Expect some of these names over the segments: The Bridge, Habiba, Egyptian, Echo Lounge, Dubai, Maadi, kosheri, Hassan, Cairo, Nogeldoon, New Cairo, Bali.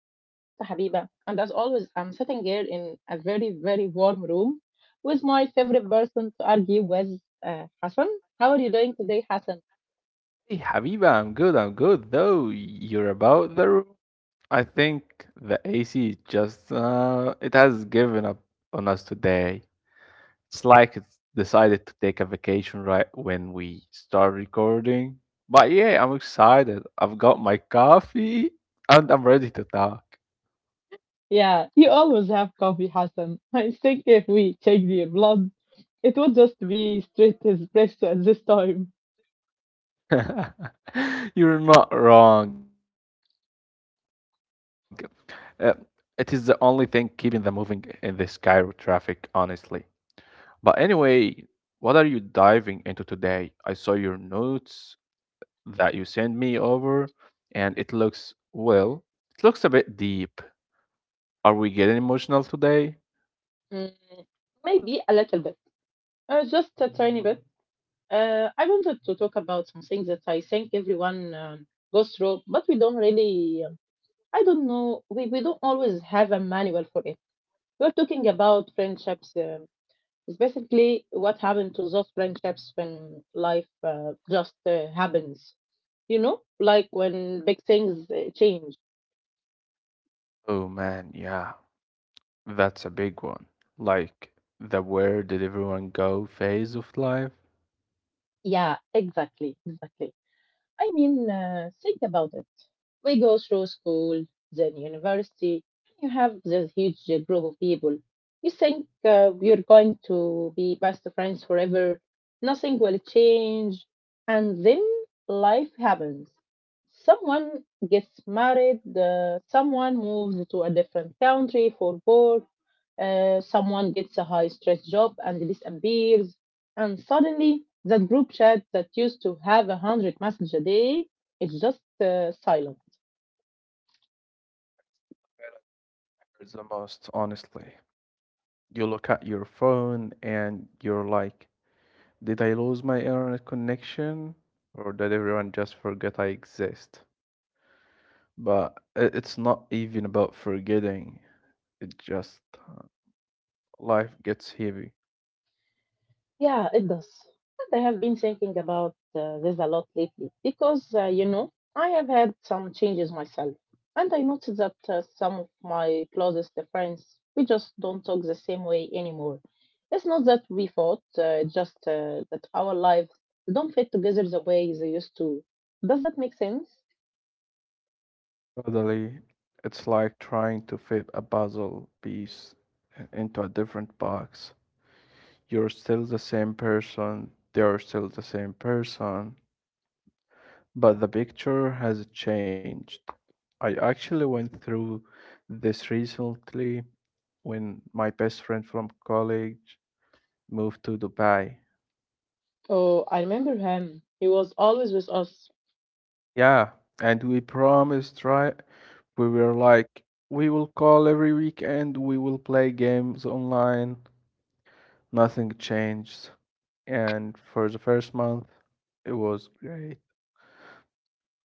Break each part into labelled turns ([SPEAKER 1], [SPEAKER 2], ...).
[SPEAKER 1] I'm your host, Habiba, and as always, I'm sitting here in a very, very warm room with my favorite person to argue with, Hassan. How are you doing today, Hassan?
[SPEAKER 2] Hey, Habiba, I'm good. I'm good. Though you're about the room, I think the AC just it has given up on us today. It's like it's decided to take a vacation right when we start recording. But yeah, I'm excited. I've got my coffee and I'm ready to talk.
[SPEAKER 1] Yeah, you always have coffee, Hassan. I think if we check the blood, it would just be straight espresso at this time.
[SPEAKER 2] You're not wrong. Uh, it is the only thing keeping them moving in this Cairo traffic, honestly. But anyway, what are you diving into today? I saw your notes that you sent me over, and it looks, well, it looks a bit deep. Are we getting emotional today?
[SPEAKER 1] Mm, maybe a little bit, just a tiny bit. I wanted to talk about something that I think everyone goes through, but we don't really I don't know. We don't always have a manual for it. We're talking about friendships. It's basically what happened to those friendships when life just happens. You know, like when big things change.
[SPEAKER 2] Oh man, yeah. That's a big one. Like the where did everyone go phase of life
[SPEAKER 1] Yeah, exactly, exactly. I mean, think about it. We go through school, then university, and you have this huge group of people. You think you're going to be best friends forever, nothing will change, and then life happens. Someone gets married, someone moves to a different country for work, someone gets a high stress job and disappears, and suddenly that group chat that used to have a hundred messages a day is just silent.
[SPEAKER 2] that hurts the most, honestly. You look at your phone and you're like, did I lose my internet connection? Or did everyone just forget I exist? But it's not even about forgetting. It just uh, life gets heavy.
[SPEAKER 1] Yeah, it does. And I have been thinking about this a lot lately because, you know, I have had some changes myself. And I noticed that some of my closest friends, we just don't talk the same way anymore. It's not that we fought, it's just that our lives don't fit together the way they used to. Does that make sense?
[SPEAKER 2] Suddenly, it's like trying to fit a puzzle piece into a different box. You're still the same person, they're still the same person, but the picture has changed. I actually went through this recently when my best friend from college moved to Dubai.
[SPEAKER 1] Oh, I remember him. He was always with us.
[SPEAKER 2] Yeah, and we promised, right? We were like, we will call every weekend, we will play games online. Nothing changed. And for the first month, it was great.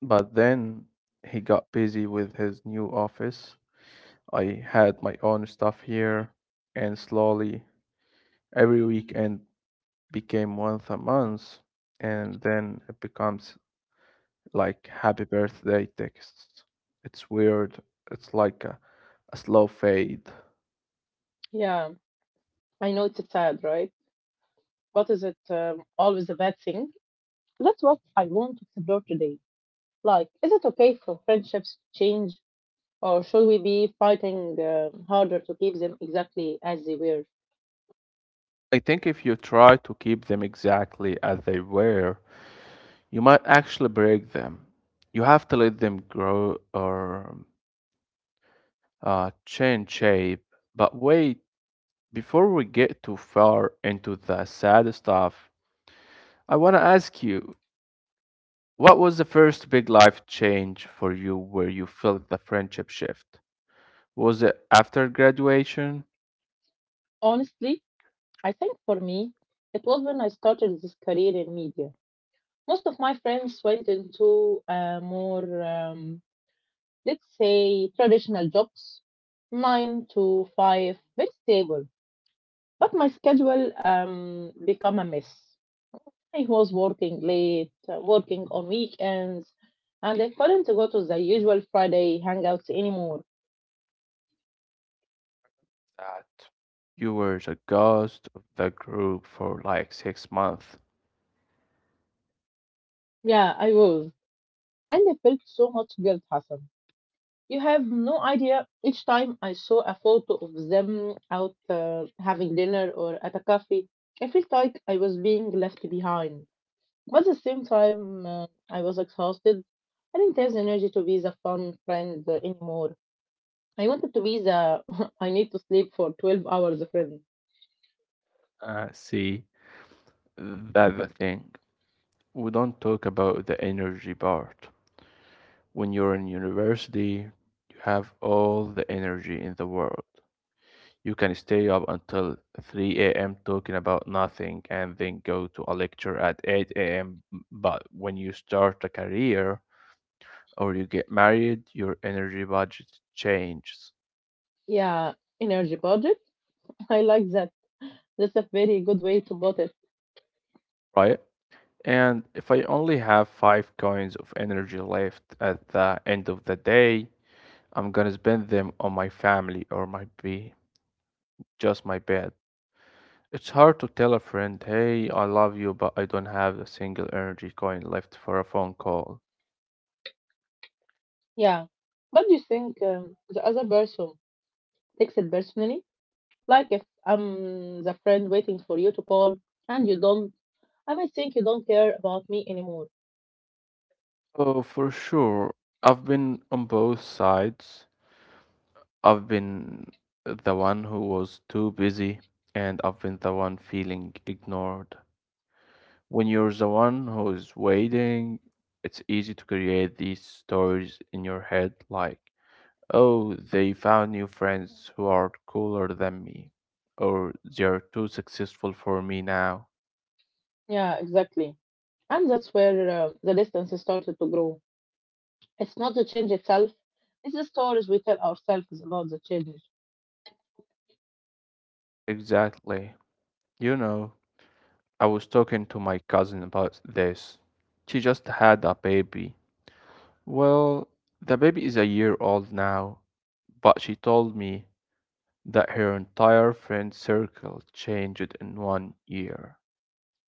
[SPEAKER 2] But then he got busy with his new office. I had my own stuff here, and slowly every weekend became once a month, and then it becomes like happy birthday texts. It's weird. It's like a slow fade.
[SPEAKER 1] Yeah, I know it's sad, right? But is it always a bad thing? That's what I want to explore today. Like, is it okay for friendships to change, or should we be fighting harder to keep them exactly as they were?
[SPEAKER 2] I think if you try to keep them exactly as they were, you might actually break them. You have to let them grow or change shape. But wait, before we get too far into the sad stuff, I want to ask you what was the first big life change for you where you felt the friendship shift? Was it after graduation
[SPEAKER 1] Honestly, I think for me, it was when I started this career in media. Most of my friends went into more, let's say, traditional jobs, nine to five, very stable. But my schedule became a mess. I was working late, working on weekends, and I couldn't go to the usual Friday hangouts anymore.
[SPEAKER 2] that you were the ghost of the group for like 6 months?
[SPEAKER 1] Yeah, I was. And I felt so much guilt, Hassan. You have no idea each time I saw a photo of them out having dinner or at a cafe, I felt like I was being left behind. But at the same time, I was exhausted. I didn't have the energy to be the fun friend anymore. I wanted to be the I need to sleep for 12 hours friend.
[SPEAKER 2] See, that's the thing. We don't talk about the energy part. When you're in university, you have all the energy in the world. You can stay up until 3 a.m. talking about nothing and then go to a lecture at 8 a.m. But when you start a career or you get married, your energy budget changes,
[SPEAKER 1] Yeah, energy budget. I like that. That's a very good way to put it.
[SPEAKER 2] right? And if I only have five coins of energy left at the end of the day, I'm gonna spend them on my family or might be just my bed. It's hard to tell a friend, hey, I love you, but I don't have a single energy coin left for a phone call.
[SPEAKER 1] Yeah. But do you think the other person takes it personally? Like if I'm the friend waiting for you to call and you don't, I might think you don't care about me anymore.
[SPEAKER 2] Oh, for sure. I've been on both sides. I've been the one who was too busy, and I've been the one feeling ignored. When you're the one who is waiting, it's easy to create these stories in your head like, oh, they found new friends who are cooler than me, or they're too successful for me now.
[SPEAKER 1] Yeah, exactly. And that's where the distance has started to grow. It's not the change itself, it's the stories we tell ourselves about the change.
[SPEAKER 2] Exactly. You know, I was talking to my cousin about this. She just had a baby. Well, the baby is a year old now, but she told me that her entire friend circle changed in 1 year.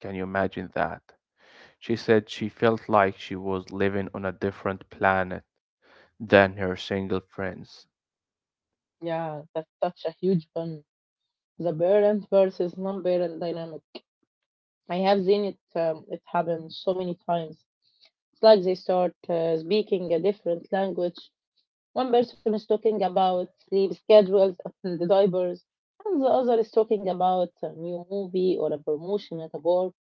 [SPEAKER 2] Can you imagine that? She said she felt like she was living on a different planet than her single friends.
[SPEAKER 1] Yeah, that's such a huge one. The parent versus non parent dynamic. I have seen it it happen so many times. It's like they start speaking a different language. One person is talking about sleep schedules and the diapers, and the other is talking about a new movie or a promotion at a work.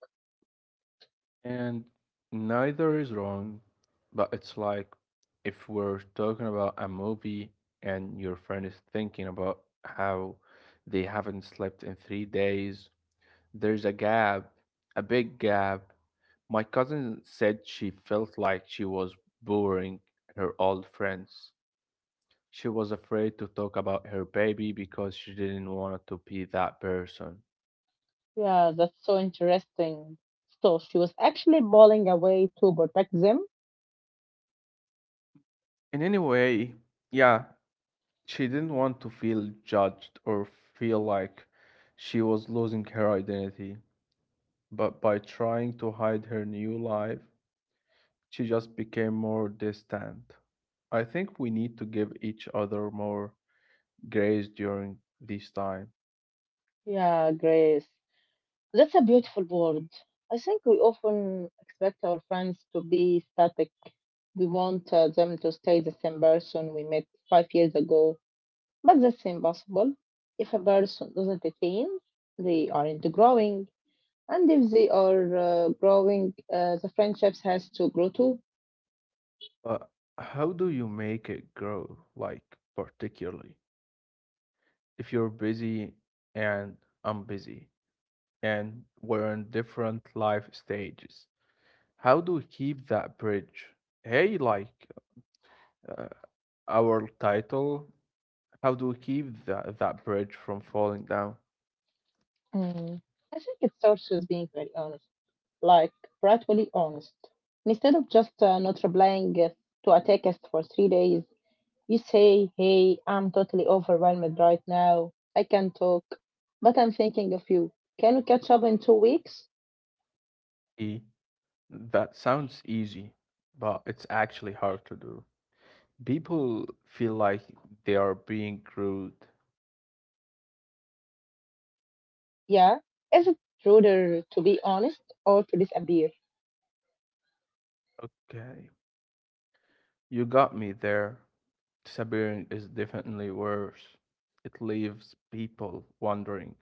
[SPEAKER 2] And neither is wrong, but it's like if we're talking about a movie and your friend is thinking about how they haven't slept in 3 days, there's a gap, a big gap. My cousin said she felt like she was boring her old friends. She was afraid to talk about her baby because she didn't want to be that person.
[SPEAKER 1] Yeah, that's so interesting. So she was actually bawling away to protect them.
[SPEAKER 2] In any way, yeah, she didn't want to feel judged or feel like she was losing her identity, but by trying to hide her new life, she just became more distant. I think we need to give each other more grace during this time.
[SPEAKER 1] Yeah, Grace. That's a beautiful word. I think we often expect our friends to be static. We want them to stay the same person we met 5 years ago, but that's impossible. If a person doesn't change, they aren't growing. And if they are growing, the friendships has to grow too.
[SPEAKER 2] But how do you make it grow, like particularly if you're busy and I'm busy and we're in different life stages? How do we keep that bridge? Hey, like, uh, our title, how do we keep that bridge from falling down?
[SPEAKER 1] Mm. I think it starts with being very honest, like brutally honest. Instead of just not replying to a text for 3 days, you say, hey, I'm totally overwhelmed right now. I can't talk, but I'm thinking of you. Can we catch up in 2 weeks?
[SPEAKER 2] E. That sounds easy, but it's actually hard to do. People feel like they are being rude.
[SPEAKER 1] Yeah. Is it ruder to be honest or to disappear?
[SPEAKER 2] Okay, you got me there. Disappearing is definitely worse. It leaves people wondering.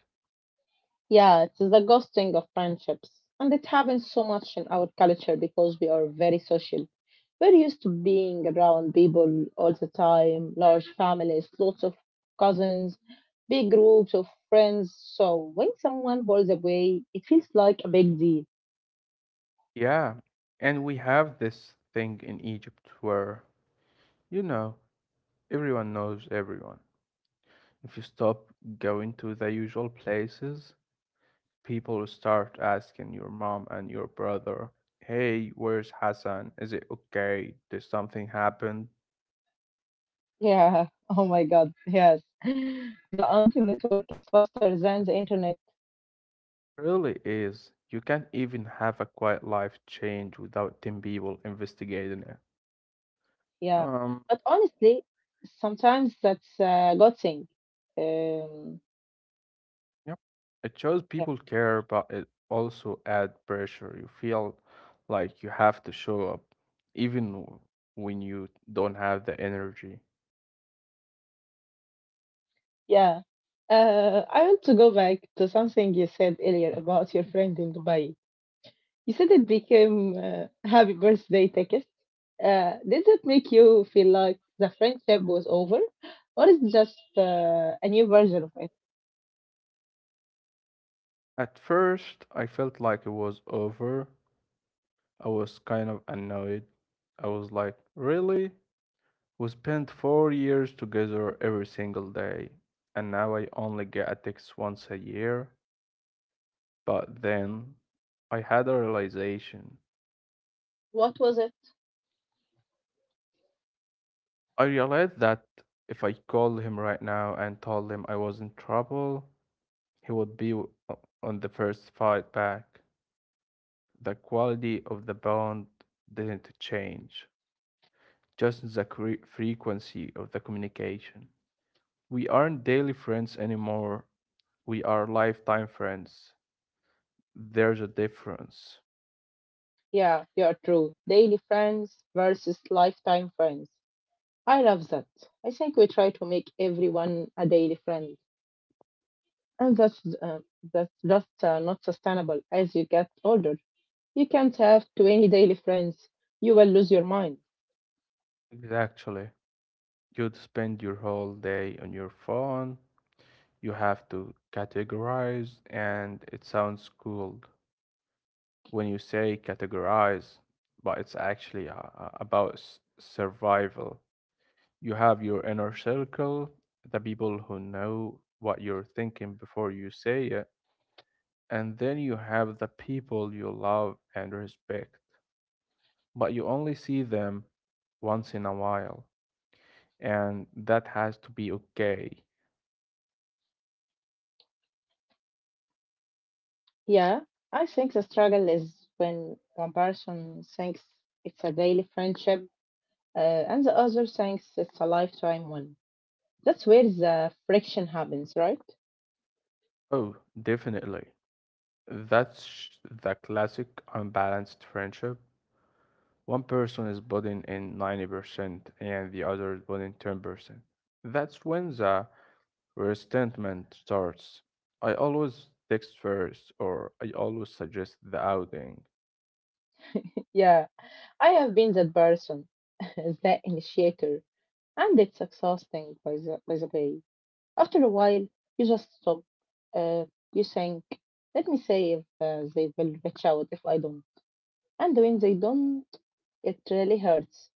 [SPEAKER 1] Yeah, it's the ghosting of friendships. And it happens so much in our culture because we are very social. We're used to being around people all the time, large families, lots of cousins, big groups of friends. So when someone falls away, it feels like a big deal.
[SPEAKER 2] Yeah, and we have this thing in Egypt where, you know, everyone knows everyone. If you stop going to the usual places, people start asking your mom and your brother, hey, where's Hassan? Is it okay? Did something happen?
[SPEAKER 1] Yeah. Oh my God. Yes. The anti network is faster than the internet.
[SPEAKER 2] Really is. You can't even have a quiet life change without 10 people investigating it.
[SPEAKER 1] Yeah.
[SPEAKER 2] Um,
[SPEAKER 1] But honestly, sometimes that's a good thing. Um,
[SPEAKER 2] yep. It shows
[SPEAKER 1] yeah.
[SPEAKER 2] people care, but it also adds pressure. You feel like you have to show up, even when you don't have the energy.
[SPEAKER 1] Yeah. I want to go back to something you said earlier about your friend in Dubai. You said it became happy birthday text. Did that make you feel like the friendship was over, or is it just a new version of it?
[SPEAKER 2] At first, I felt like it was over, I was kind of annoyed. I was like, really? We spent 4 years together every single day, and now I only get a text once a year. But then I had a realization.
[SPEAKER 1] What was it?
[SPEAKER 2] I realized that if I called him right now and told him I was in trouble, he would be on the first fight back. The quality of the bond didn't change, just the frequency of the communication. We aren't daily friends anymore. We are lifetime friends. There's a difference.
[SPEAKER 1] Yeah, you're true. Daily friends versus lifetime friends. I love that. I think we try to make everyone a daily friend, and that's that's just not sustainable. As you get older, you can't have 20 daily friends. You will lose your mind.
[SPEAKER 2] Exactly. You'd spend your whole day on your phone. You have to categorize, and it sounds cool when you say categorize, but it's actually about survival. You have your inner circle, the people who know what you're thinking before you say it, and then you have the people you love and respect, but you only see them once in a while, and that has to be okay.
[SPEAKER 1] Yeah, I think the struggle is when one person thinks it's a daily friendship, uh, and the other thinks it's a lifetime one. That's where the friction happens, right?
[SPEAKER 2] Oh, definitely. That's sh- the classic unbalanced friendship. One person is putting in 90% and the other is putting 10%. That's when the resentment starts. I always text first, or I always suggest the outing.
[SPEAKER 1] Yeah, I have been that person, that initiator, and it's exhausting by the way. After a while, you just stop. Uh, you think, let me see if they will reach out if I don't. And when they don't, it really hurts.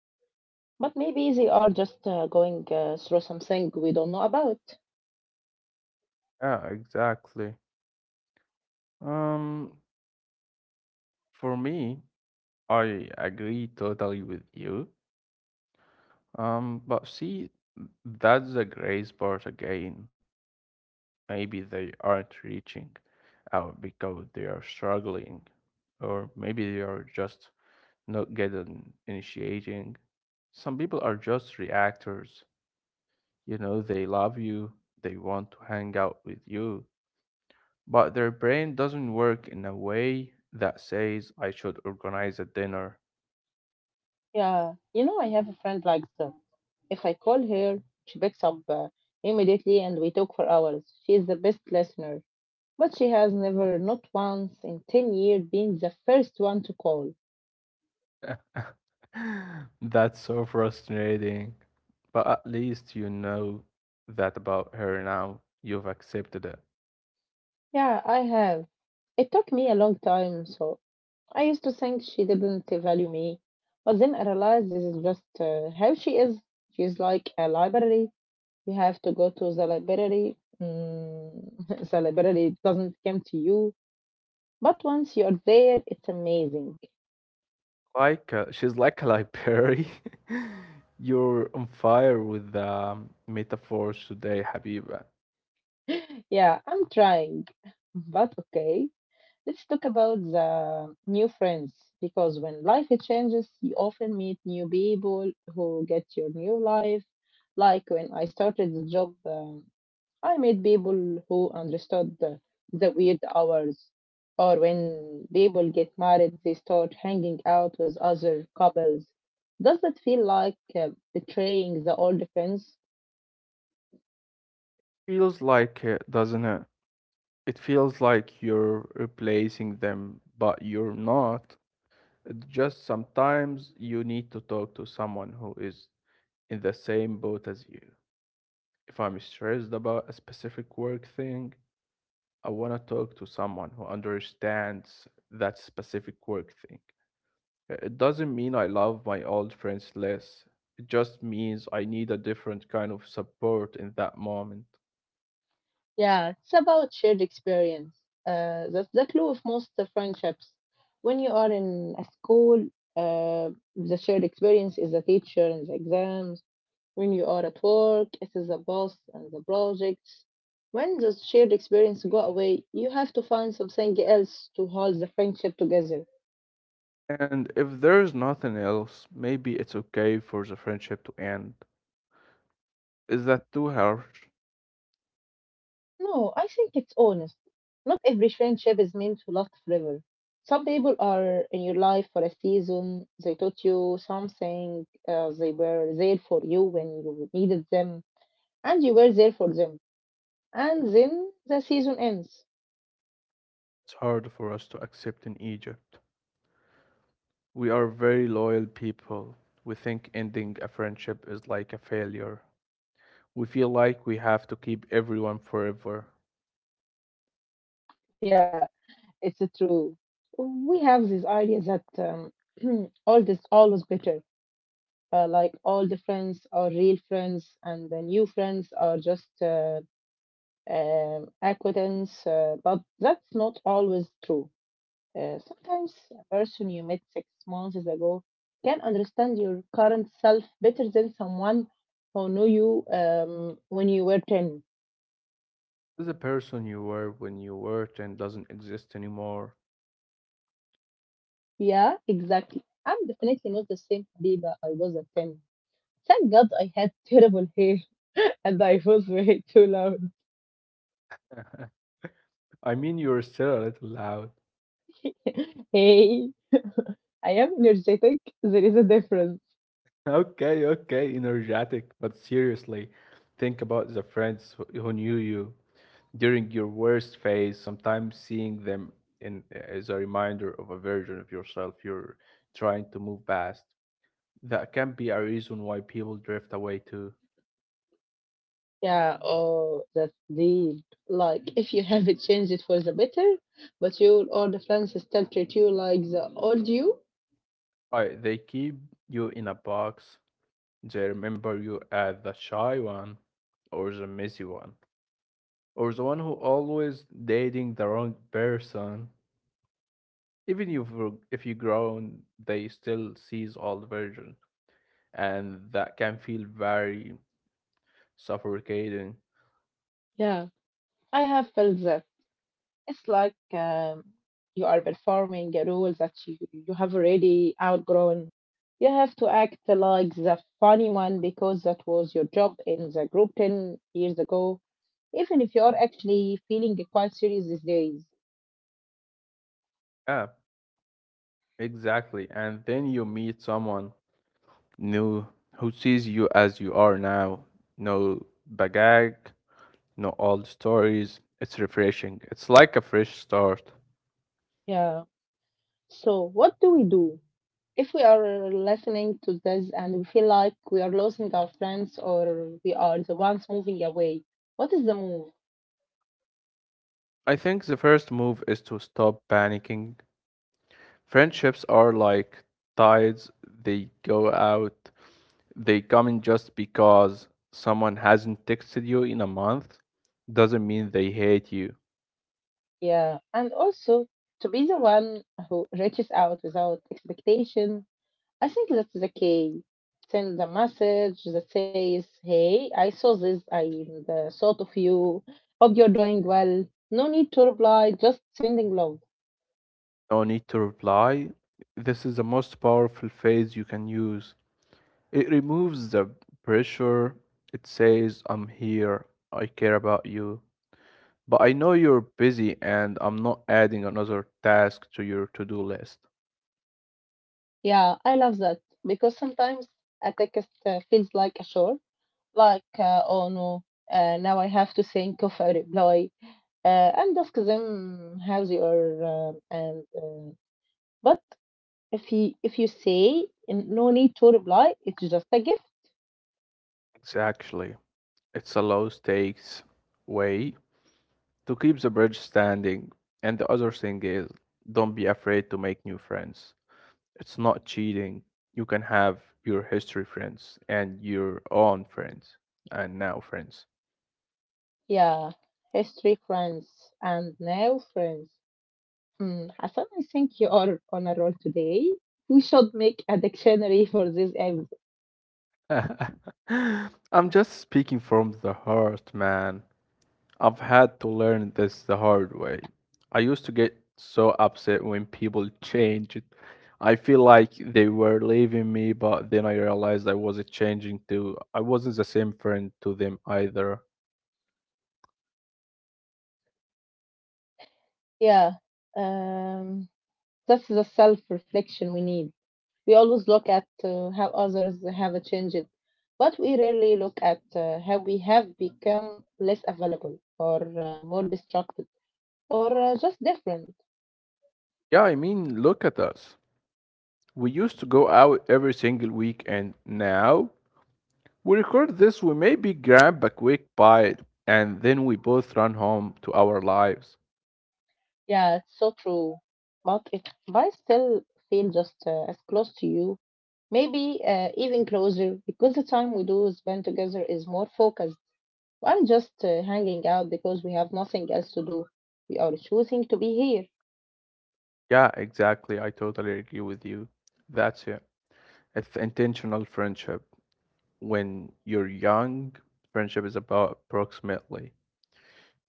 [SPEAKER 1] But maybe they are just going through something we don't know about.
[SPEAKER 2] Yeah, exactly. Um, for me, I agree totally with you. But see, that's the gray part again. Maybe they aren't reaching out because they are struggling, or maybe they are just not getting initiating. Some people are just reactors. You know, they love you, they want to hang out with you, but their brain doesn't work in a way that says, I should organize a dinner.
[SPEAKER 1] Yeah, you know, I have a friend like that. If I call her, she picks up immediately and we talk for hours. She is the best listener. But she has never, not once in 10 years, been the first one to call.
[SPEAKER 2] That's so frustrating. But at least you know that about her now. You've accepted it.
[SPEAKER 1] Yeah, I have. It took me a long time, so I used to think she didn't value me. But then I realized this is just how she is. She's like a library. You have to go to the library. Mm, the library doesn't come to you. But once you're there, it's amazing.
[SPEAKER 2] Like she's like a library. You're on fire with the metaphors today, Habiba.
[SPEAKER 1] Yeah, I'm trying. But okay. Let's talk about the new friends because when life changes, you often meet new people who get your new life. Like when I started the job, I met people who understood the weird hours. Or when people get married, they start hanging out with other couples. Does that feel like betraying the old friends?
[SPEAKER 2] Feels like it, doesn't it? It feels like you're replacing them, but you're not. It's just sometimes you need to talk to someone who is in the same boat as you. If I'm stressed about a specific work thing, I want to talk to someone who understands that specific work thing. It doesn't mean I love my old friends less. It just means I need a different kind of support in that moment.
[SPEAKER 1] Yeah, it's about shared experience. That's the clue of most of friendships. When you are in a school, uh, the shared experience is the teacher and the exams. When you are at work, it is the boss and the projects. When the shared experience go away, you have to find something else to hold the friendship together.
[SPEAKER 2] And if there's nothing else, maybe it's okay for the friendship to end. Is that too harsh?
[SPEAKER 1] No, I think it's honest. Not every friendship is meant to last forever. Some people are in your life for a season. They taught you something. They were there for you when you needed them, and you were there for them. And then the season ends.
[SPEAKER 2] It's hard for us to accept in Egypt. We are very loyal people. We think ending a friendship is like a failure. We feel like we have to keep everyone forever.
[SPEAKER 1] Yeah, it's true. We have this idea that old is always better. Like all the friends are real friends, and the new friends are just acquaintance, but that's not always true. Sometimes a person you met 6 months ago can understand your current self better than someone who knew you when you were 10.
[SPEAKER 2] The person you were when you worked and doesn't exist anymore.
[SPEAKER 1] Yeah, exactly. I'm definitely not the same Habiba I was at 10. Thank God I had terrible hair and I was way too loud.
[SPEAKER 2] I mean, you're still a little loud.
[SPEAKER 1] Hey, I am energetic. There is a difference.
[SPEAKER 2] Okay, okay, energetic, but seriously, think about the friends who knew you during your worst phase. Sometimes seeing them in is a reminder of a version of yourself you're trying to move past. That can be a reason why people drift away too.
[SPEAKER 1] Yeah, oh, that's the like, if you have it, change it for the better, but you your the friends still treat you like the old you.
[SPEAKER 2] I, they keep you in a box. They remember you as the shy one, or the messy one, or the one who always dating the wrong person. Even if you grown, they still sees old version, and that can feel very suffocating.
[SPEAKER 1] Yeah, I have felt that. It's like you are performing a role that you have already outgrown. You have to act like the funny one because that was your job in the group 10 years ago, even if you are actually feeling quite serious these days.
[SPEAKER 2] Yeah, exactly. And then you meet someone new who sees you as you are now. No baggage, no old stories. It's refreshing. It's like a fresh start.
[SPEAKER 1] Yeah. So, what do we do if we are listening to this and we feel like we are losing our friends or we are the ones moving away? What is the move?
[SPEAKER 2] I think the first move is to stop panicking. Friendships are like tides, they go out, they come in just because someone hasn't texted you in a month doesn't mean they hate you.
[SPEAKER 1] Yeah, and also to be the one who reaches out without expectation. I think that's the key. Send a message that says, hey, I saw this, I thought of you, hope you're doing well. No need to reply, just sending love.
[SPEAKER 2] No need to reply. This is the most powerful phase you can use. It removes the pressure. It says, I'm here, I care about you. But I know you're busy and I'm not adding another task to your to do list.
[SPEAKER 1] Yeah, I love that because sometimes a text feels like a chore, like, oh no, now I have to think of a reply and ask them how they are. And But if you say "N- no need to reply, it's just a gift."
[SPEAKER 2] Exactly. It's a low stakes way to keep the bridge standing. And the other thing is, don't be afraid to make new friends. It's not cheating. You can have your history friends and your own friends and now friends.
[SPEAKER 1] Yeah, history, friends, and now friends. Hmm, Hassan, I think you are on a roll today. We should make a dictionary for this episode.
[SPEAKER 2] I'm just speaking from the heart, man. I've had to learn this the hard way. I used to get so upset when people changed. I feel like they were leaving me, but then I realized I wasn't changing too. I wasn't the same friend to them either.
[SPEAKER 1] Yeah. Um, That's the self reflection we need. We always look at how others have changed, but we rarely look at how we have become less available or more distracted or just different.
[SPEAKER 2] Yeah, I mean, look at us. We used to go out every single week, and now we record this. We maybe grab a quick bite, and then we both run home to our lives.
[SPEAKER 1] Yeah, it's so true. But it might still feel just as close to you, maybe even closer, because the time we do spend together is more focused. I'm just hanging out because we have nothing else to do. We are choosing to be here.
[SPEAKER 2] Yeah, exactly. I totally agree with you. That's it. It's intentional friendship. When you're young, friendship is about approximately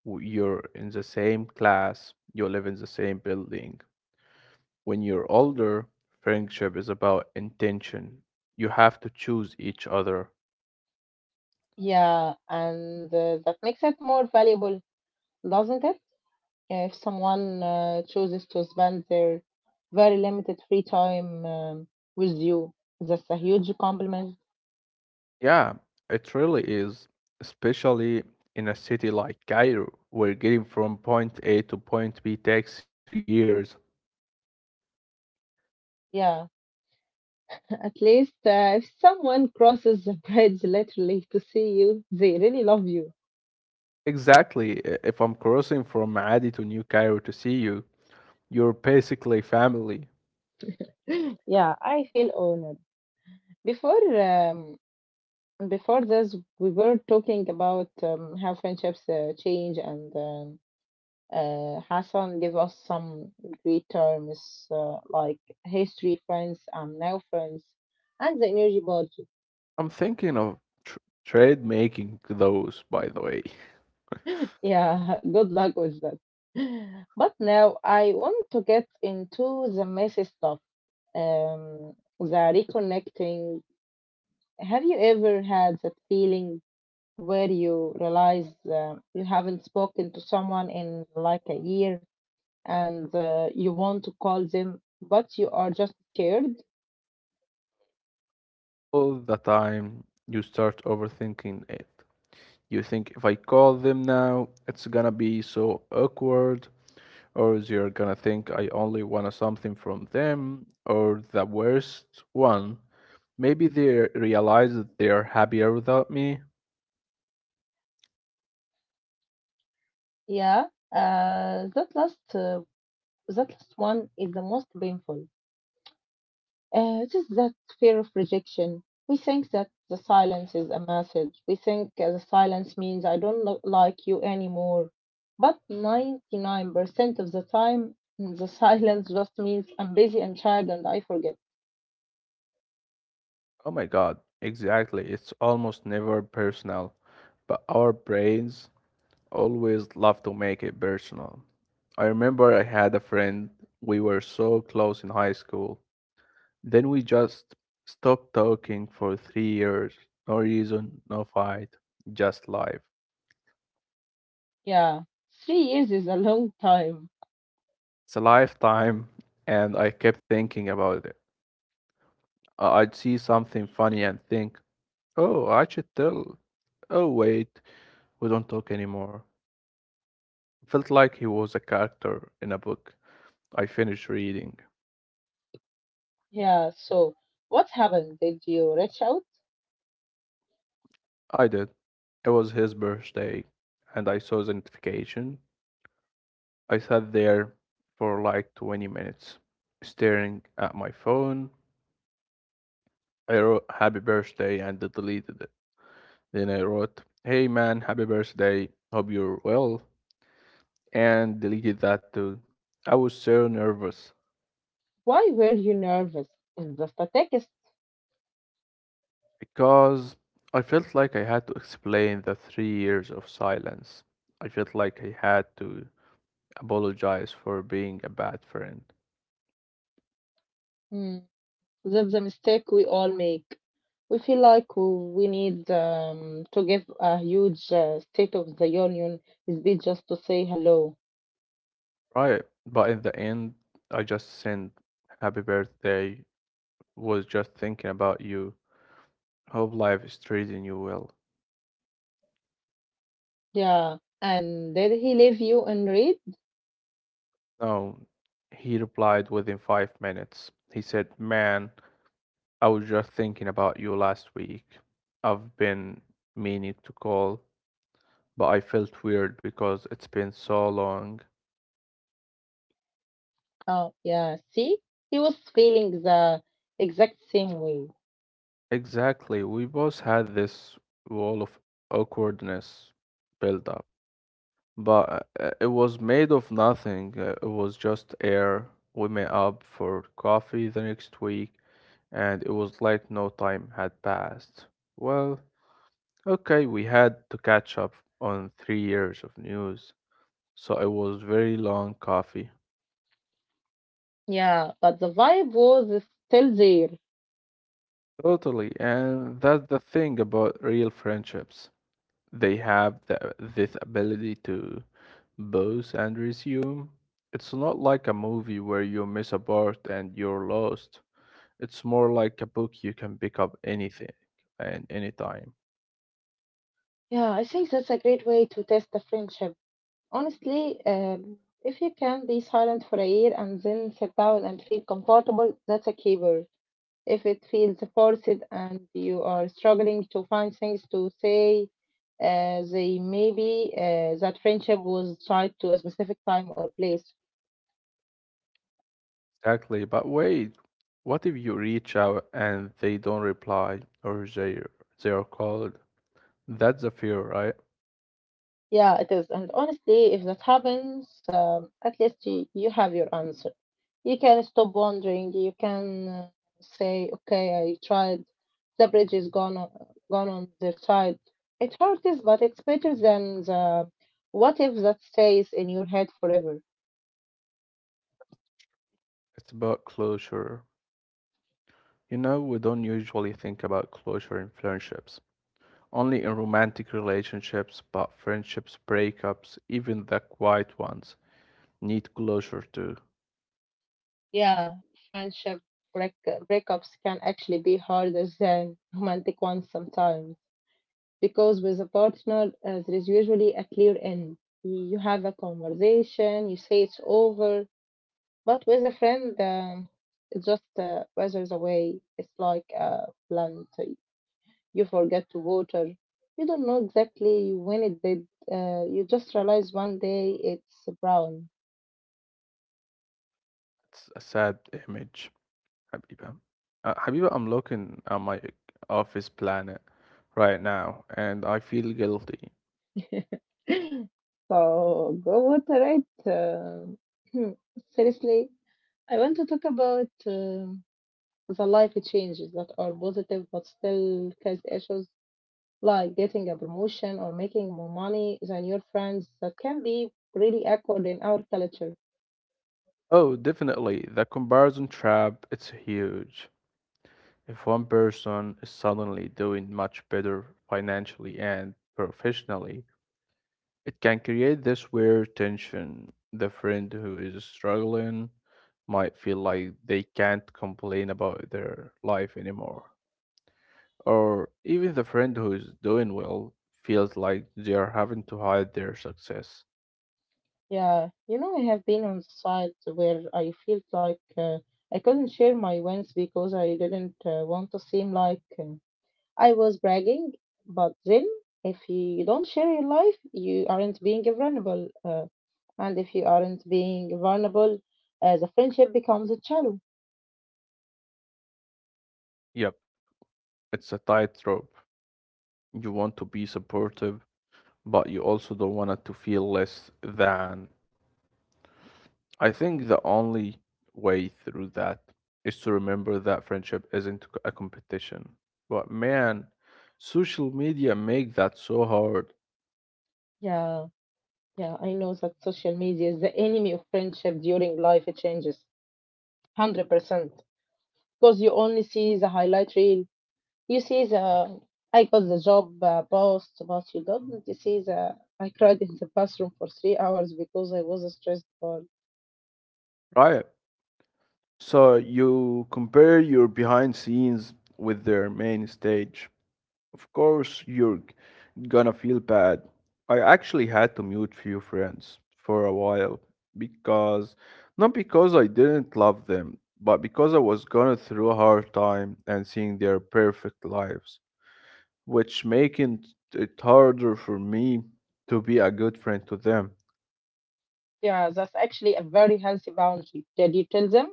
[SPEAKER 2] you're in the same class, you live in the same building. When you're older, friendship is about intention. You have to choose each other.
[SPEAKER 1] Yeah, and that makes it more valuable, doesn't it? Yeah, if someone chooses to spend their very limited free time with you, that's a huge compliment.
[SPEAKER 2] Yeah, it really is, especially in a city like Cairo, where getting from point A to point B takes 3 years.
[SPEAKER 1] Yeah, at least if someone crosses the bridge literally to see you, they really love you.
[SPEAKER 2] Exactly, if I'm crossing from Maadi to New Cairo to see you, you're basically family.
[SPEAKER 1] Yeah, I feel honored. Before um, Before this, we were talking about how friendships change and Hassan gave us some great terms like history, friends, and now friends, and the energy budget.
[SPEAKER 2] I'm thinking of tr- trade making those, by the way.
[SPEAKER 1] Yeah, good luck with that. But now I want to get into the messy stuff. Um, the reconnecting. Have you ever had that feeling where you realize you haven't spoken to someone in like a year and you want to call them, but you are just scared?
[SPEAKER 2] All the time you start overthinking it. You think if I call them now, it's gonna be so awkward, or they're gonna think I only want something from them, or the worst one, maybe they realize that they are happier without me.
[SPEAKER 1] Yeah, uh, that last uh, that last one is the most painful. It is that fear of rejection. We think that the silence is a message. We think the silence means I don't like you anymore. But 99% of the time, the silence just means I'm busy and tired and I forget.
[SPEAKER 2] Oh my god, exactly. It's almost never personal, but our brains always love to make it personal. I remember I had a friend, we were so close in high school. Then we just stopped talking for 3 years. No reason, no fight, just life.
[SPEAKER 1] Yeah, 3 years is a long time.
[SPEAKER 2] It's a lifetime, and I kept thinking about it. I'd see something funny and think, oh, I should tell. Oh, wait, we don't talk anymore. Felt like he was a character in a book I finished reading.
[SPEAKER 1] Yeah, so what happened? Did you reach out?
[SPEAKER 2] I did. It was his birthday, and I saw the notification. I sat there for like 20 minutes, staring at my phone. I wrote happy birthday and deleted it. Then I wrote, hey man, happy birthday. Hope you're well. And deleted that too. I was so nervous
[SPEAKER 1] Why were you nervous? It's just a text.
[SPEAKER 2] because I felt like I had to explain the 3 years of silence. I felt like I had to apologize for being a bad friend.
[SPEAKER 1] Hmm. That's the mistake we all make. We feel like we need to give a huge State of the Union speech just to say hello.
[SPEAKER 2] Right. But in the end, I just sent happy birthday, was just thinking about you. Hope life is treating you well.
[SPEAKER 1] Yeah. And did he leave you in read?
[SPEAKER 2] No, he replied within 5 minutes. He said, man, I was just thinking about you last week. I've been meaning to call, but I felt weird because it's been so long.
[SPEAKER 1] Oh, yeah. See, he was feeling the exact same way.
[SPEAKER 2] Exactly, we both had this wall of awkwardness built up, but it was made of nothing. It was just air. We met up for coffee the next week, and it was like no time had passed. Well, okay, we had to catch up on 3 years of news. So it was very long coffee.
[SPEAKER 1] Yeah, but the vibe was still there.
[SPEAKER 2] Totally. And that's the thing about real friendships. They have the, this ability to both and resume. It's not like a movie where you miss a part and you're lost. It's more like a book you can pick up anything and anytime.
[SPEAKER 1] Yeah, I think that's a great way to test the friendship. Honestly, if you can be silent for a year and then sit down and feel comfortable, that's a keeper. If it feels forced and you are struggling to find things to say, they maybe that friendship was tied to a specific time or place.
[SPEAKER 2] Exactly. But wait, what if you reach out and they don't reply or they are called? That's a fear, right?
[SPEAKER 1] Yeah, it is. And honestly, if that happens, at least you have your answer. You can stop wondering. You can say, okay, I tried. The bridge is gone on their side. It hurts, but it's better than the what if that stays in your head forever.
[SPEAKER 2] It's about closure. You know, we don't usually think about closure in friendships, only in romantic relationships, but friendships, breakups, even the quiet ones, need closure too.
[SPEAKER 1] Yeah, friendship break- breakups can actually be harder than romantic ones sometimes because with a partner, there is usually a clear end. You have a conversation, you say it's over, but with a friend, it just weathers away. It's like a plant. You forget to water. You don't know exactly when it did. You just realize one day it's brown.
[SPEAKER 2] It's a sad image, Habiba. Habiba, I'm looking at my office planet right now and I feel guilty.
[SPEAKER 1] So go water it. Seriously, I want to talk about the life changes that are positive but still cause issues, like getting a promotion or making more money than your friends. That can be really awkward in our culture.
[SPEAKER 2] Oh, definitely, the comparison trap, it's huge. If one person is suddenly doing much better financially and professionally, it can create this weird tension. The friend who is struggling might feel like they can't complain about their life anymore. Or even the friend who is doing well feels like they are having to hide their success.
[SPEAKER 1] Yeah, you know, I have been on sites where I felt like I couldn't share my wins because I didn't want to seem like. I was bragging, but then if you don't share your life, you aren't being vulnerable. And if you aren't being vulnerable, the friendship becomes shallow.
[SPEAKER 2] Yep, it's a tightrope. You want to be supportive, but you also don't want it to feel less than. I think the only way through that is to remember that friendship isn't a competition. But man, social media make that so hard,
[SPEAKER 1] Yeah, yeah, I know that social media is the enemy of friendship during life changes. 100%. Because you only see the highlight reel. You see the, I got the job post, but you don't see the, I cried in the bathroom for 3 hours because I was stressed for.
[SPEAKER 2] right? So you compare your behind scenes with their main stage. Of course, you're gonna feel bad. I actually had to mute few friends for a while because not because I didn't love them, but because I was going through a hard time and seeing their perfect lives, which making it harder for me to be a good friend to them.
[SPEAKER 1] Yeah, that's actually a very healthy boundary. Did you tell them?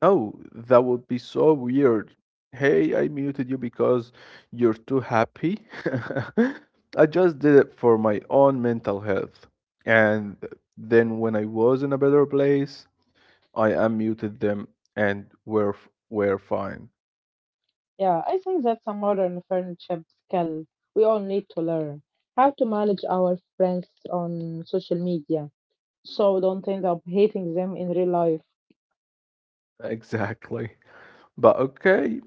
[SPEAKER 2] No, that would be so weird. Hey, I muted you because you're too happy. I just did it for my own mental health. And then when I was in a better place, I unmuted them and we're fine.
[SPEAKER 1] Yeah, I think that's a modern friendship skill we all need to learn. How to manage our friends on social media so don't end up hating them in real life.
[SPEAKER 2] Exactly. But okay,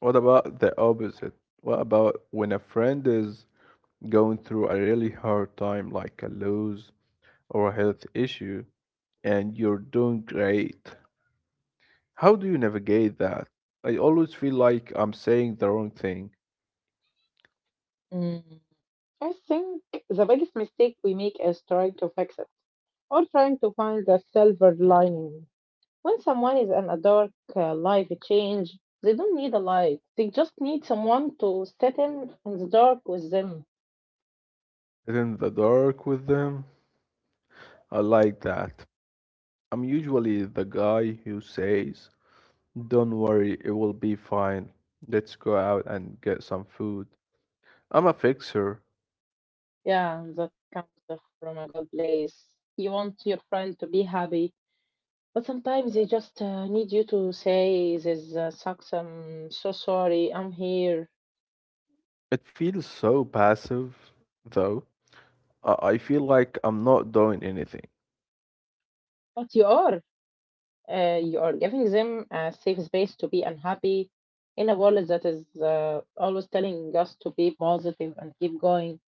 [SPEAKER 2] what about the opposite? What about when a friend is going through a really hard time, like a loss or a health issue, and you're doing great? How do you navigate that? I always feel like I'm saying the wrong thing.
[SPEAKER 1] Mm. I think the biggest mistake we make is trying to fix it or trying to find the silver lining. When someone is in a dark life change, they don't need a light. They just need someone to sit in the dark with them.
[SPEAKER 2] In the dark with them, I like that. I'm usually the guy who says, don't worry, it will be fine. Let's go out and get some food. I'm a fixer.
[SPEAKER 1] Yeah, that comes from a good place. You want your friend to be happy, but sometimes they just need you to say, "This sucks. I'm so sorry. I'm here."
[SPEAKER 2] It feels so passive, though. I feel like I'm not doing anything.
[SPEAKER 1] But you are giving them a safe space to be unhappy in a world that is always telling us to be positive and keep going.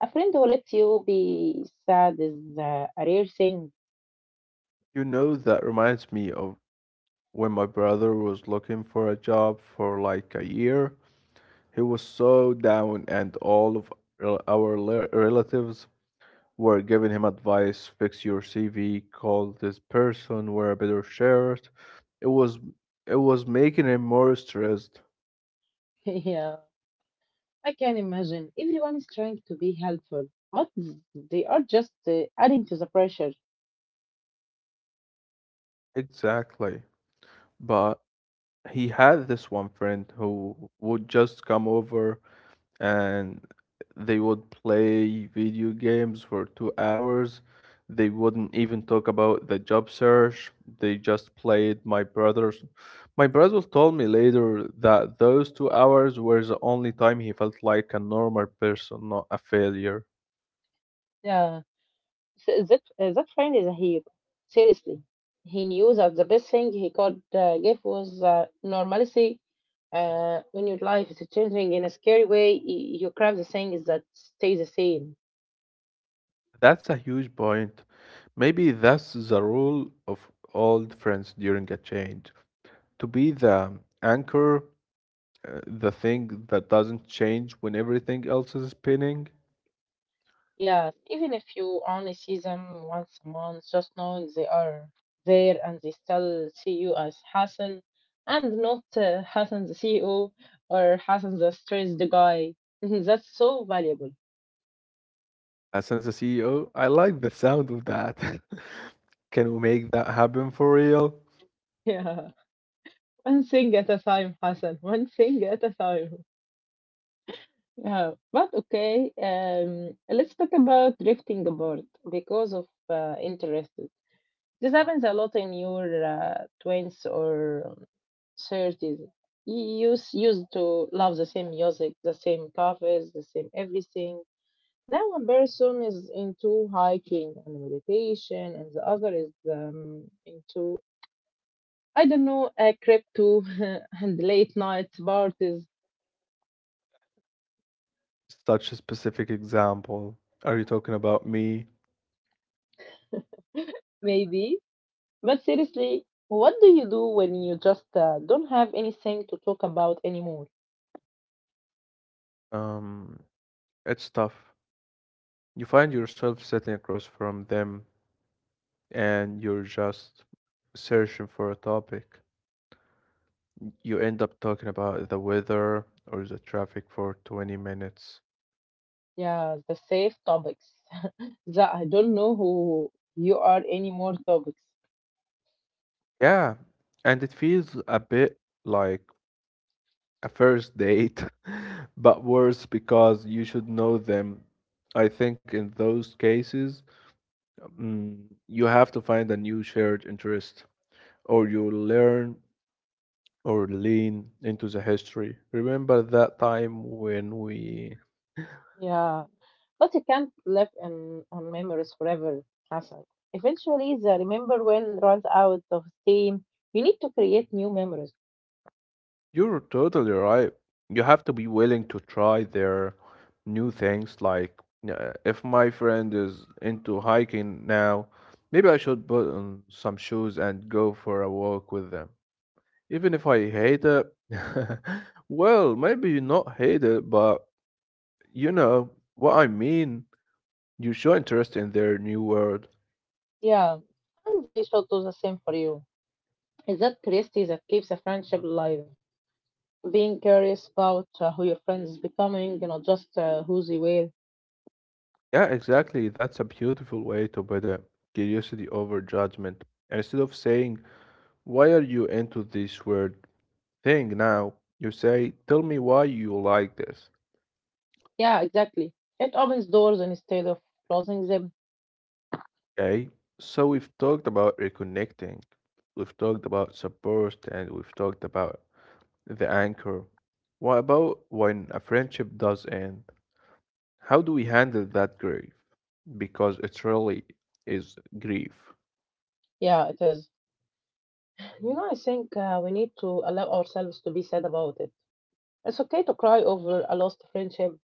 [SPEAKER 1] A friend who lets you be sad is a rare thing.
[SPEAKER 2] You know, that reminds me of when my brother was looking for a job for like a year. He was so down, and all of relatives were giving him advice, fix your CV, call this person, wear a better shirt. It was, it was making him more stressed.
[SPEAKER 1] Yeah. I can imagine. Everyone is trying to be helpful, but they are just adding to the pressure.
[SPEAKER 2] Exactly. But he had this one friend who would just come over and they would play video games for 2 hours. They wouldn't even talk about the job search. They just played my brother's. My brother told me later that those 2 hours were the only time he felt like a normal person, not a failure.
[SPEAKER 1] Yeah, that friend is a hero. Seriously, he knew that the best thing he could give was normalcy. When your life is changing in a scary way, you crave the things that stay the same.
[SPEAKER 2] That's a huge point. Maybe that's the role of old friends during a change. To be the anchor, the thing that doesn't change when everything else is spinning.
[SPEAKER 1] Yeah, even if you only see them once a month, just know they are there and they still see you as Hassan and not Hassan the CEO or Hassan the stressed guy. That's so valuable.
[SPEAKER 2] As the CEO. I like the sound of that. Can we make that happen for real?
[SPEAKER 1] Yeah, one thing at a time, Hassan. One thing at a time. Yeah, but okay. Let's talk about drifting apart because of interest. This happens a lot in your twenties or thirties. You used to love the same music, the same cafes, the same everything. Now one person is into hiking and meditation, and the other is into I don't know crypto and late night parties
[SPEAKER 2] Such a specific example. Are you talking about me?
[SPEAKER 1] maybe. But seriously, what do you do when you just don't have anything to talk about anymore?
[SPEAKER 2] Um, it's tough. You find yourself sitting across from them and you're just searching for a topic. You end up talking about the weather or the traffic for 20 minutes.
[SPEAKER 1] Yeah, the safe topics. That I don't know who you are anymore topics.
[SPEAKER 2] Yeah, and it feels a bit like a first date, but worse because you should know them. I think in those cases, mm, you have to find a new shared interest or you learn or lean into the history. Remember that time when we.
[SPEAKER 1] Yeah. But you can't live in on memories forever, Hassan. Eventually the remember when runs out of steam. You need to create new memories.
[SPEAKER 2] You're totally right. You have to be willing to try their new things. Like, if my friend is into hiking now, maybe I should put on some shoes and go for a walk with them. Even if I hate it, well, maybe you not hate it, but you know what I mean. You show interest in their new world.
[SPEAKER 1] Yeah. And they should do the same for you. It's that curiosity that keeps a friendship alive. Being curious about who your friends is becoming, you know, just who they were.
[SPEAKER 2] Yeah, exactly. That's a beautiful way to put it. Curiosity over judgment. And instead of saying, why are you into this word thing now? You say, tell me why you like this.
[SPEAKER 1] Yeah, exactly. It opens doors instead of closing them.
[SPEAKER 2] Okay? So we've talked about reconnecting, we've talked about support, and we've talked about the anchor. What about when a friendship does end? How do we handle that grief? Because it really is grief.
[SPEAKER 1] Yeah, it is. You know, I think we need to allow ourselves to be sad about it. It's okay to cry over a lost friendship.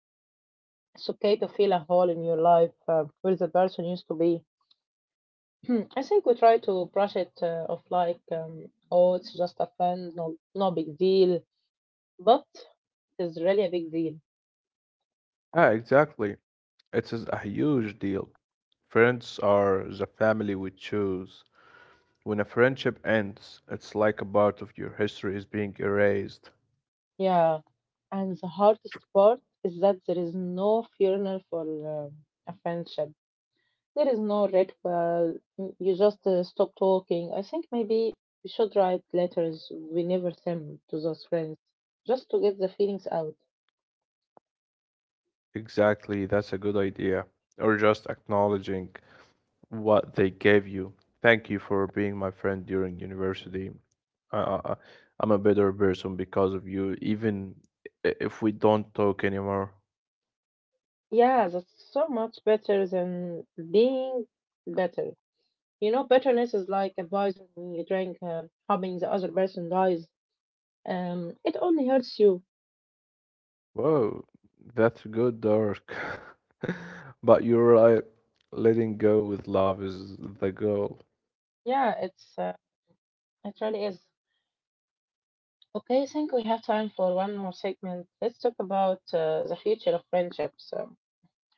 [SPEAKER 1] It's okay to feel a hole in your life where the person used to be. I think we try to brush it off like, oh, it's just a friend, no big deal. But it is really a big deal.
[SPEAKER 2] Yeah, exactly. It is a huge deal. Friends are the family we choose. When a friendship ends, it's like a part of your history is being erased.
[SPEAKER 1] Yeah. And the hardest part is that there is no funeral for a friendship. There is no red pill. Mm, you just stop talking. I think maybe we should write letters we never send to those friends just to get the feelings out.
[SPEAKER 2] Exactly, that's a good idea. Or just acknowledging what they gave you. Thank you for being my friend during university. I, I, I- am a better person because of you, even if we don't talk anymore.
[SPEAKER 1] Yeah, that's so much better than being better. You know, bitterness is like a poison when you drink, hoping the other person dies. It only hurts you.
[SPEAKER 2] Whoa, that's good, dark. But you're right, letting go with love is the goal.
[SPEAKER 1] Yeah, it's it really is. Okay, I think we have time for one more segment. Let's talk about the future of friendships.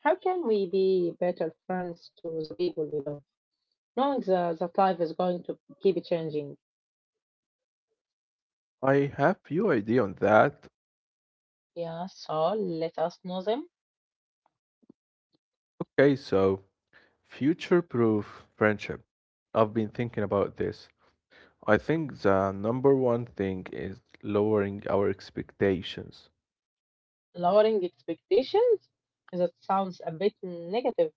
[SPEAKER 1] How can we be better friends to the people we love, knowing that life is going to keep changing?
[SPEAKER 2] I have few idea on that.
[SPEAKER 1] Yeah, so let us know them.
[SPEAKER 2] Okay, so future-proof friendship. I've been thinking about this. I think the number one thing is lowering our expectations.
[SPEAKER 1] Lowering expectations? That sounds a bit negative.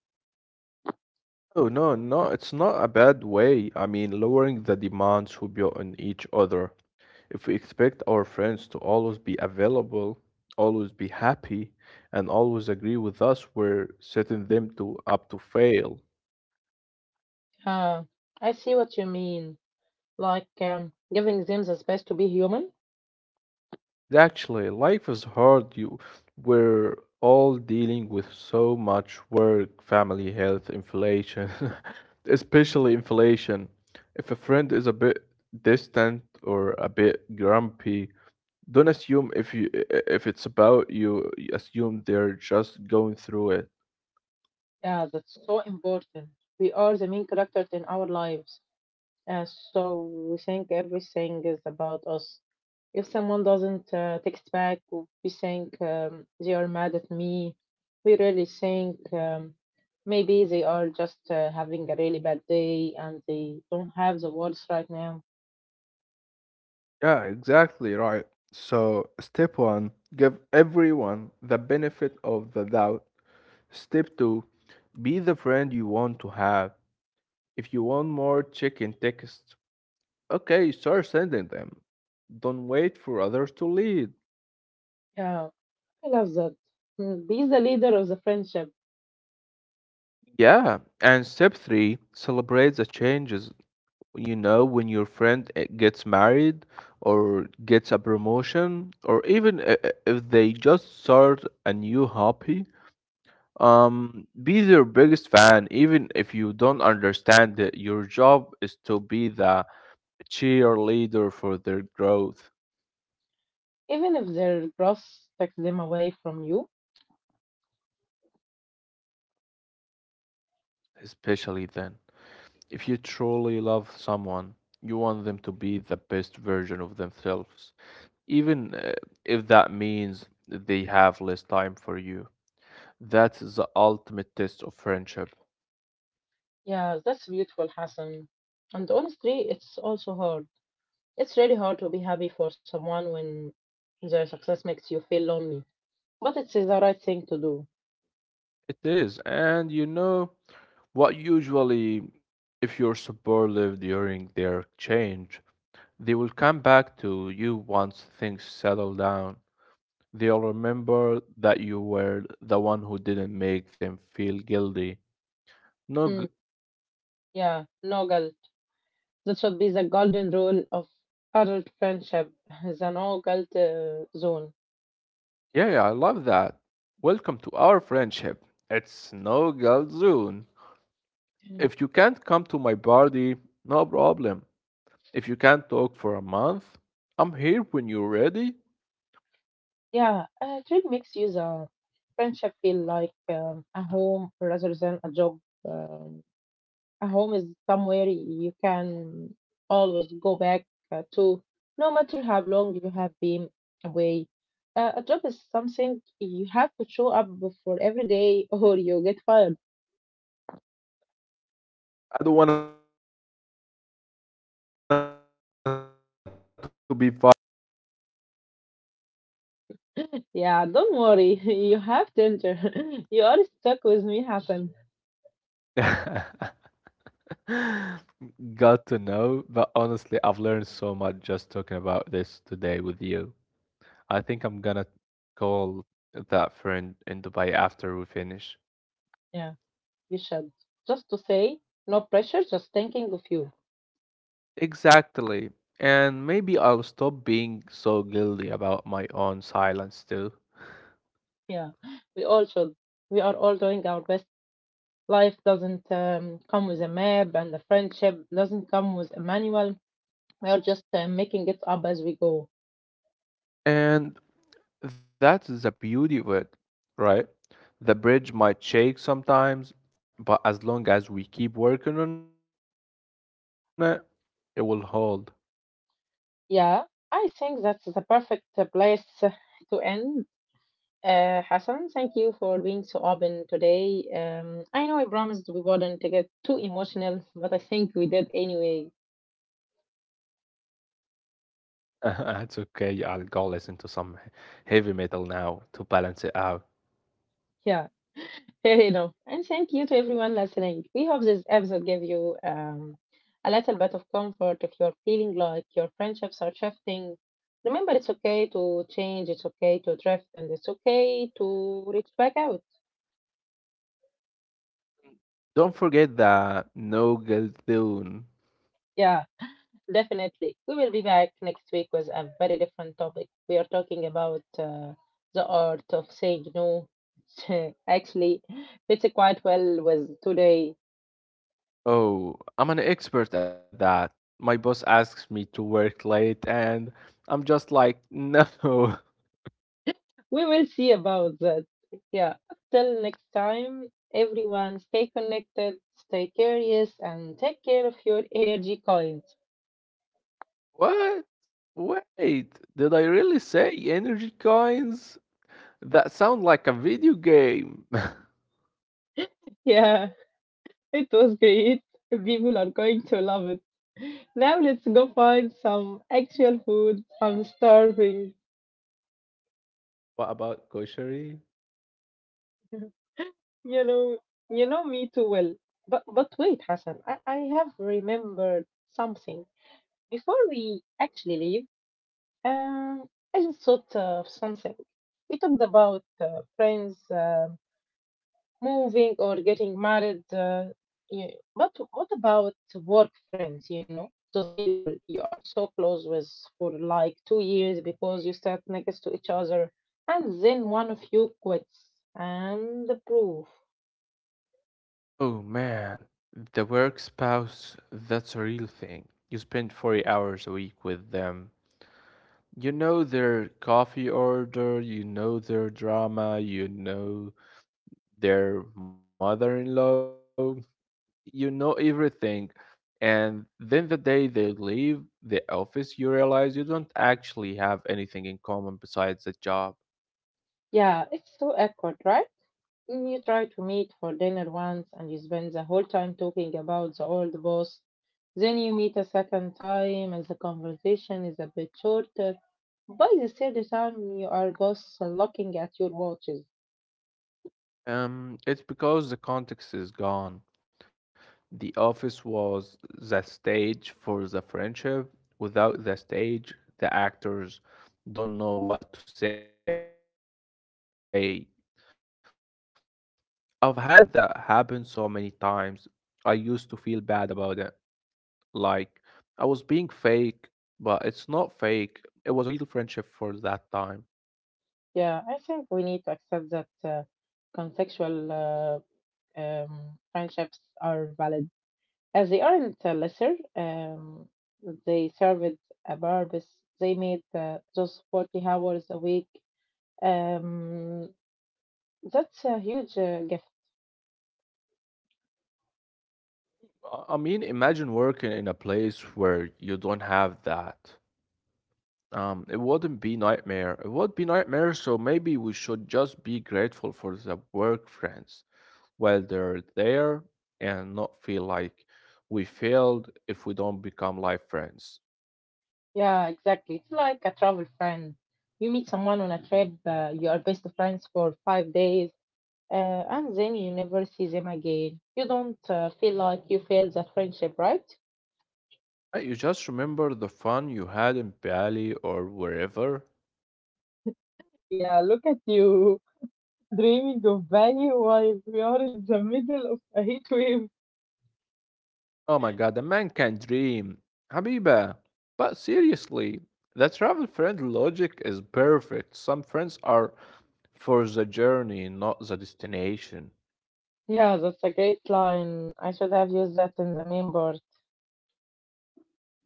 [SPEAKER 2] Oh, it's not a bad way. I mean, lowering the demands we put on each other. If we expect our friends to always be available, always be happy, and always agree with us, we're setting them to up to fail.
[SPEAKER 1] Uh, I see what you mean. Like giving them the space to be human.
[SPEAKER 2] Actually, life is hard. We're all dealing with so much work, family, health, inflation, especially inflation. If a friend is a bit distant or a bit grumpy, don't assume if you if it's about you, assume they're just going through it.
[SPEAKER 1] Yeah, that's so important. We are the main characters in our lives, uh, so we think everything is about us. If someone doesn't text back or we think they are mad at me, we really think maybe they are just having a really bad day and they don't have the words right now.
[SPEAKER 2] Yeah, exactly right. So, step one, give everyone the benefit of the doubt. Step two, be the friend you want to have. If you want more, check in text. Okay, start sending them. Don't wait for others to lead.
[SPEAKER 1] Yeah, I love that. Mm, be the leader of the friendship,
[SPEAKER 2] Yeah, and step three, celebrate the changes. You know, when your friend gets married or gets a promotion, or even if they just start a new hobby, be their biggest fan, even if you don't understand it. Your job is to be the cheerleader for their growth,
[SPEAKER 1] even if their boss takes them away from you.
[SPEAKER 2] especially then. If you truly love someone, you want them to be the best version of themselves, even if that means they have less time for you. That's the ultimate test of friendship.
[SPEAKER 1] Yeah, that's beautiful, Hassan. And honestly, it's also hard. It's really hard to be happy for someone when their success makes you feel lonely. But it's the right thing to do.
[SPEAKER 2] It is, and you know what? Usually, if you're supportive during their change, they will come back to you once things settle down. They'll remember that you were the one who didn't make them feel guilty. No.
[SPEAKER 1] Hmm. Yeah, no guilt. That should be the golden rule of adult friendship, the no guilt zone.
[SPEAKER 2] Yeah, yeah, I love that. Welcome to our friendship. It's no guilt zone.
[SPEAKER 1] Mm.
[SPEAKER 2] If you can't come to my party, no problem. If you can't talk for a month, I'm here when you're ready.
[SPEAKER 1] Yeah, it really makes you the friendship feel like a home rather than a job. Um, a home is somewhere you can always go back to, no matter how long you have been away. A job is something you have to show up for every day or you get fired.
[SPEAKER 2] I don't want to be fired from being your friend, Habiba.
[SPEAKER 1] Yeah, don't worry. You have Tinder. You are stuck with me, Hassan.
[SPEAKER 2] Got to know, but honestly, I've learned so much just talking about this today with you. I think I'm gonna call that friend in Dubai after we finish.
[SPEAKER 1] Yeah, you should. Just to say, no pressure, just thinking of you.
[SPEAKER 2] Exactly. And maybe I'll stop being so guilty about my own silence too.
[SPEAKER 1] Yeah, we all should. We are all doing our best. Life doesn't come with a map, and the friendship doesn't come with a manual. We are just making it up as we go.
[SPEAKER 2] And that's the beauty of it, right? The bridge might shake sometimes, but as long as we keep working on it, it will hold.
[SPEAKER 1] Yeah, I think that's the perfect place to end. Hassan, thank you for being so open today. I know I promised we wouldn't get too emotional, but I think we did anyway.
[SPEAKER 2] It's okay, I'll go listen to some heavy metal now to balance it out.
[SPEAKER 1] Yeah, fair enough. And thank you to everyone listening. We hope this episode gave you a little bit of comfort if you're feeling like your friendships are shifting. Remember, it's okay to change, it's okay to drift, and it's okay to reach back out.
[SPEAKER 2] Don't forget the Nogeldoon.
[SPEAKER 1] Yeah. Definitely. We will be back next week with a very different topic. We are talking about the art of saying no. Actually, fits quite well with today.
[SPEAKER 2] Oh, I'm an expert at that. My boss asks me to work late, and I'm just like, no.
[SPEAKER 1] We will see about that. Yeah. Till next time, everyone, stay connected, stay curious, and take care of your energy coins.
[SPEAKER 2] What? Wait, did I really say energy coins? That sound like a video game.
[SPEAKER 1] Yeah, it was great. People are going to love it. Now let's go find some actual food. I'm starving.
[SPEAKER 2] What about kosheri?
[SPEAKER 1] You know, you know me too well. But wait, Hassan, I have remembered something. Before we actually leave, um, I just thought of something. We talked about friends moving or getting married. Yeah. But what about work friends? You know, those people you are so close with for like 2 years because you sat next to each other, and then one of you quits, and the proof.
[SPEAKER 2] Oh man, the work spouse, that's a real thing. You spend 40 hours a week with them. You know their coffee order, you know their drama, you know their mother in law, you know everything. And then the day they leave the office, you realize you don't actually have anything in common besides the job.
[SPEAKER 1] Yeah, it's so awkward, right? Mm, you try to meet for dinner once and you spend the whole time talking about the old boss. Then you meet a second time and the conversation is a bit shorter. By the third time, you are both looking at your watches.
[SPEAKER 2] It's because the context is gone. The office was the stage for the friendship. Without the stage, the actors don't know what to say. I've had that happen so many times. I used to feel bad about it, like I was being fake, but it's not fake. It was a real friendship for that time.
[SPEAKER 1] Yeah, I think we need to accept that contextual friendships are valid. As they aren't lesser, they served a purpose. They made those 40 hours a week. Um, that's a huge gift.
[SPEAKER 2] I mean, imagine working in a place where you don't have that. It wouldn't be nightmare. It would be nightmare, so maybe we should just be grateful for the work friends while they're there and not feel like we failed if we don't become life friends.
[SPEAKER 1] Yeah, exactly. It's like a travel friend. You meet someone on a trip, you are best friends for 5 days, uh, and then you never see them again. You don't feel like you failed that friendship, right?
[SPEAKER 2] You just remember the fun you had in Bali or wherever.
[SPEAKER 1] Yeah, look at you dreaming of Bali while we are in the middle of a heat wave.
[SPEAKER 2] Oh my god, a man can dream. Habiba. But seriously, the travel friend logic is perfect. Some friends are for the journey, not the destination.
[SPEAKER 1] Yeah, that's a great line. I should have used that in the main part.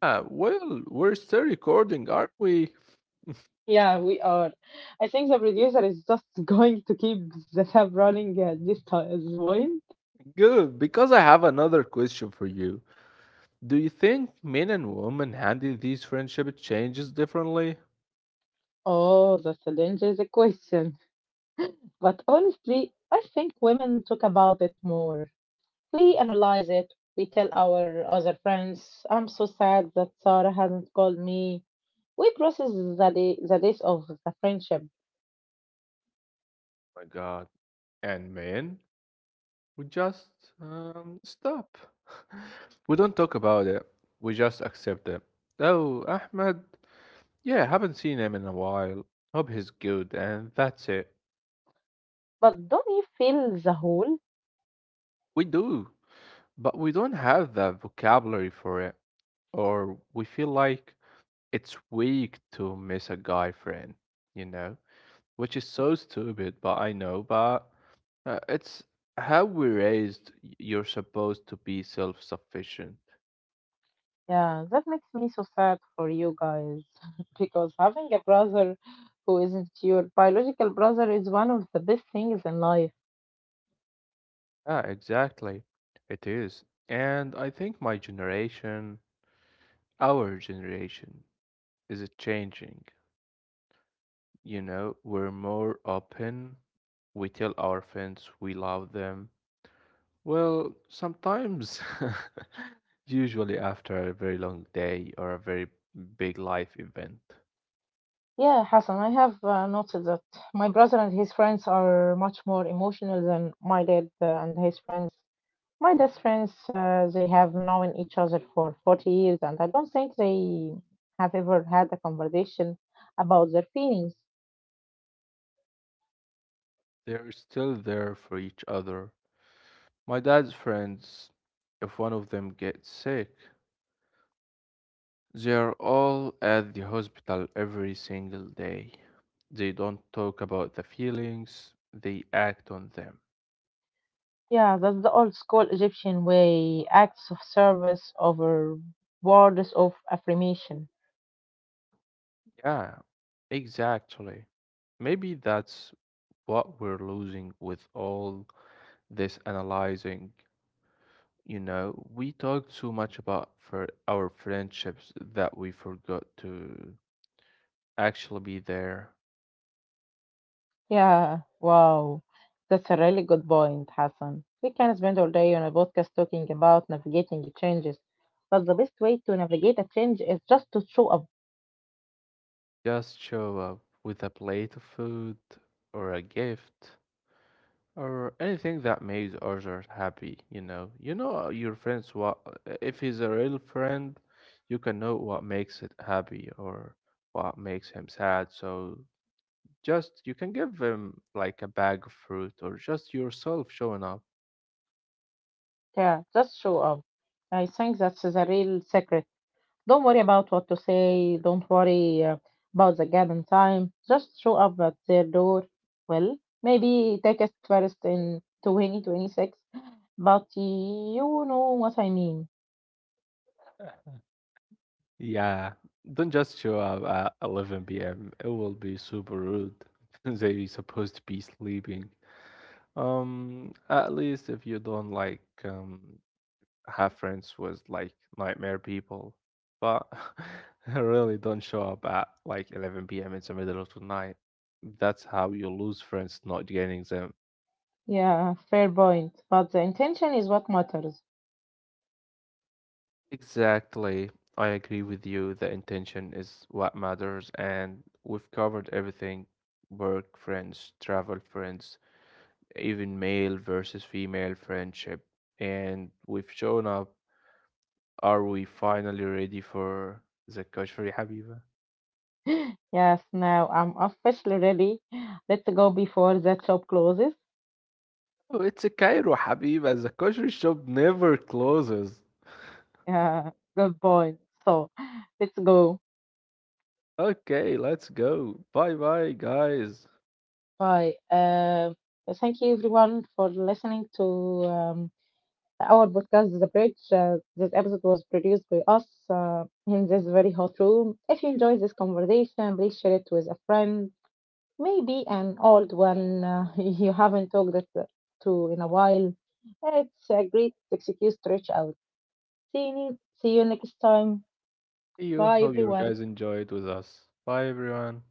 [SPEAKER 2] Ah, well, we're still recording, aren't we?
[SPEAKER 1] Yeah, we are. I think the producer is just going to keep the tab running at this time as well.
[SPEAKER 2] Good, because I have another question for you. Do you think men and women handle these friendship changes differently?
[SPEAKER 1] Oh, that's a dangerous question. But honestly, I think women talk about it more. We analyze it. We tell our other friends, I'm so sad that Sarah hasn't called me. We process the days of the friendship.
[SPEAKER 2] My god. And men, we just stop. We don't talk about it. We just accept it. Oh, Ahmed. Yeah, haven't seen him in a while. Hope he's good, and that's it.
[SPEAKER 1] But don't you feel the hole?
[SPEAKER 2] We do, but we don't have the vocabulary for it. Or we feel like it's weak to miss a guy friend, you know, which is so stupid, but I know, but it's how we raised you're supposed to be self-sufficient.
[SPEAKER 1] Yeah, that makes me so sad for you guys because having a brother who isn't your biological brother is one of the best things in life.
[SPEAKER 2] Yeah, exactly. It is. And I think my generation, our generation, is it changing. You know, we're more open. We tell our friends we love them. Well, sometimes, usually after a very long day or a very big life event,
[SPEAKER 1] Yeah, Hassan, I have noticed that my brother and his friends are much more emotional than my dad and his friends. My dad's friends, they have known each other for 40 years, and I don't think they have ever had a conversation about their feelings.
[SPEAKER 2] they're still there for each other. My dad's friends, if one of them gets sick, they're all at the hospital every single day. They don't talk about the feelings, they act on them.
[SPEAKER 1] Yeah, that's the old school Egyptian way, acts of service over words of affirmation.
[SPEAKER 2] Yeah, exactly. Maybe that's what we're losing with all this analyzing. You know, we talk too much about for our friendships that we forgot to actually be there.
[SPEAKER 1] Yeah, wow. That's a really good point, Hassan. We can spend all day on a podcast talking about navigating changes, but the best way to navigate a change is just to show up.
[SPEAKER 2] Just show up with a plate of food or a gift or anything that makes others happy, you know. You know your friends what if he's a real friend, you can know what makes it happy or what makes him sad. So just you can give him like a bag of fruit or just yourself showing up.
[SPEAKER 1] Yeah, just show up. I think that's the real secret. Don't worry about what to say. Don't worry about the gap in time. Just show up at their door. Well, maybe take us first in 2026, but you know what I mean.
[SPEAKER 2] Yeah, don't just show up at 11 p.m. It will be super rude. They're supposed to be sleeping. At least if you don't like have friends with like nightmare people, but really don't show up at like 11 p.m. in the middle of the night. That's how you lose friends, not gaining them.
[SPEAKER 1] Yeah, fair point. But the intention is what matters.
[SPEAKER 2] Exactly. I agree with you. The intention is what matters, and we've covered everything: work friends, travel friends, even male versus female friendship. And we've shown up. Are we finally ready for the kashri Habiba?
[SPEAKER 1] Yes, now I'm officially ready. Let's go before that shop closes.
[SPEAKER 2] Oh, it's a Cairo Habiba. The kashri shop never closes.
[SPEAKER 1] Yeah, good point. So let's go.
[SPEAKER 2] Okay, let's go. Bye bye, guys.
[SPEAKER 1] Bye. Thank you everyone for listening to um, our podcast, The Bridge. This episode was produced by us in this very hot room. If you enjoyed this conversation, please share it with a friend, maybe an old one you haven't talked it to in a while. It's a great excuse to reach out. See you next time.
[SPEAKER 2] See you.
[SPEAKER 1] Bye,
[SPEAKER 2] Hope you
[SPEAKER 1] everyone.
[SPEAKER 2] guys enjoyed with us. Bye, everyone.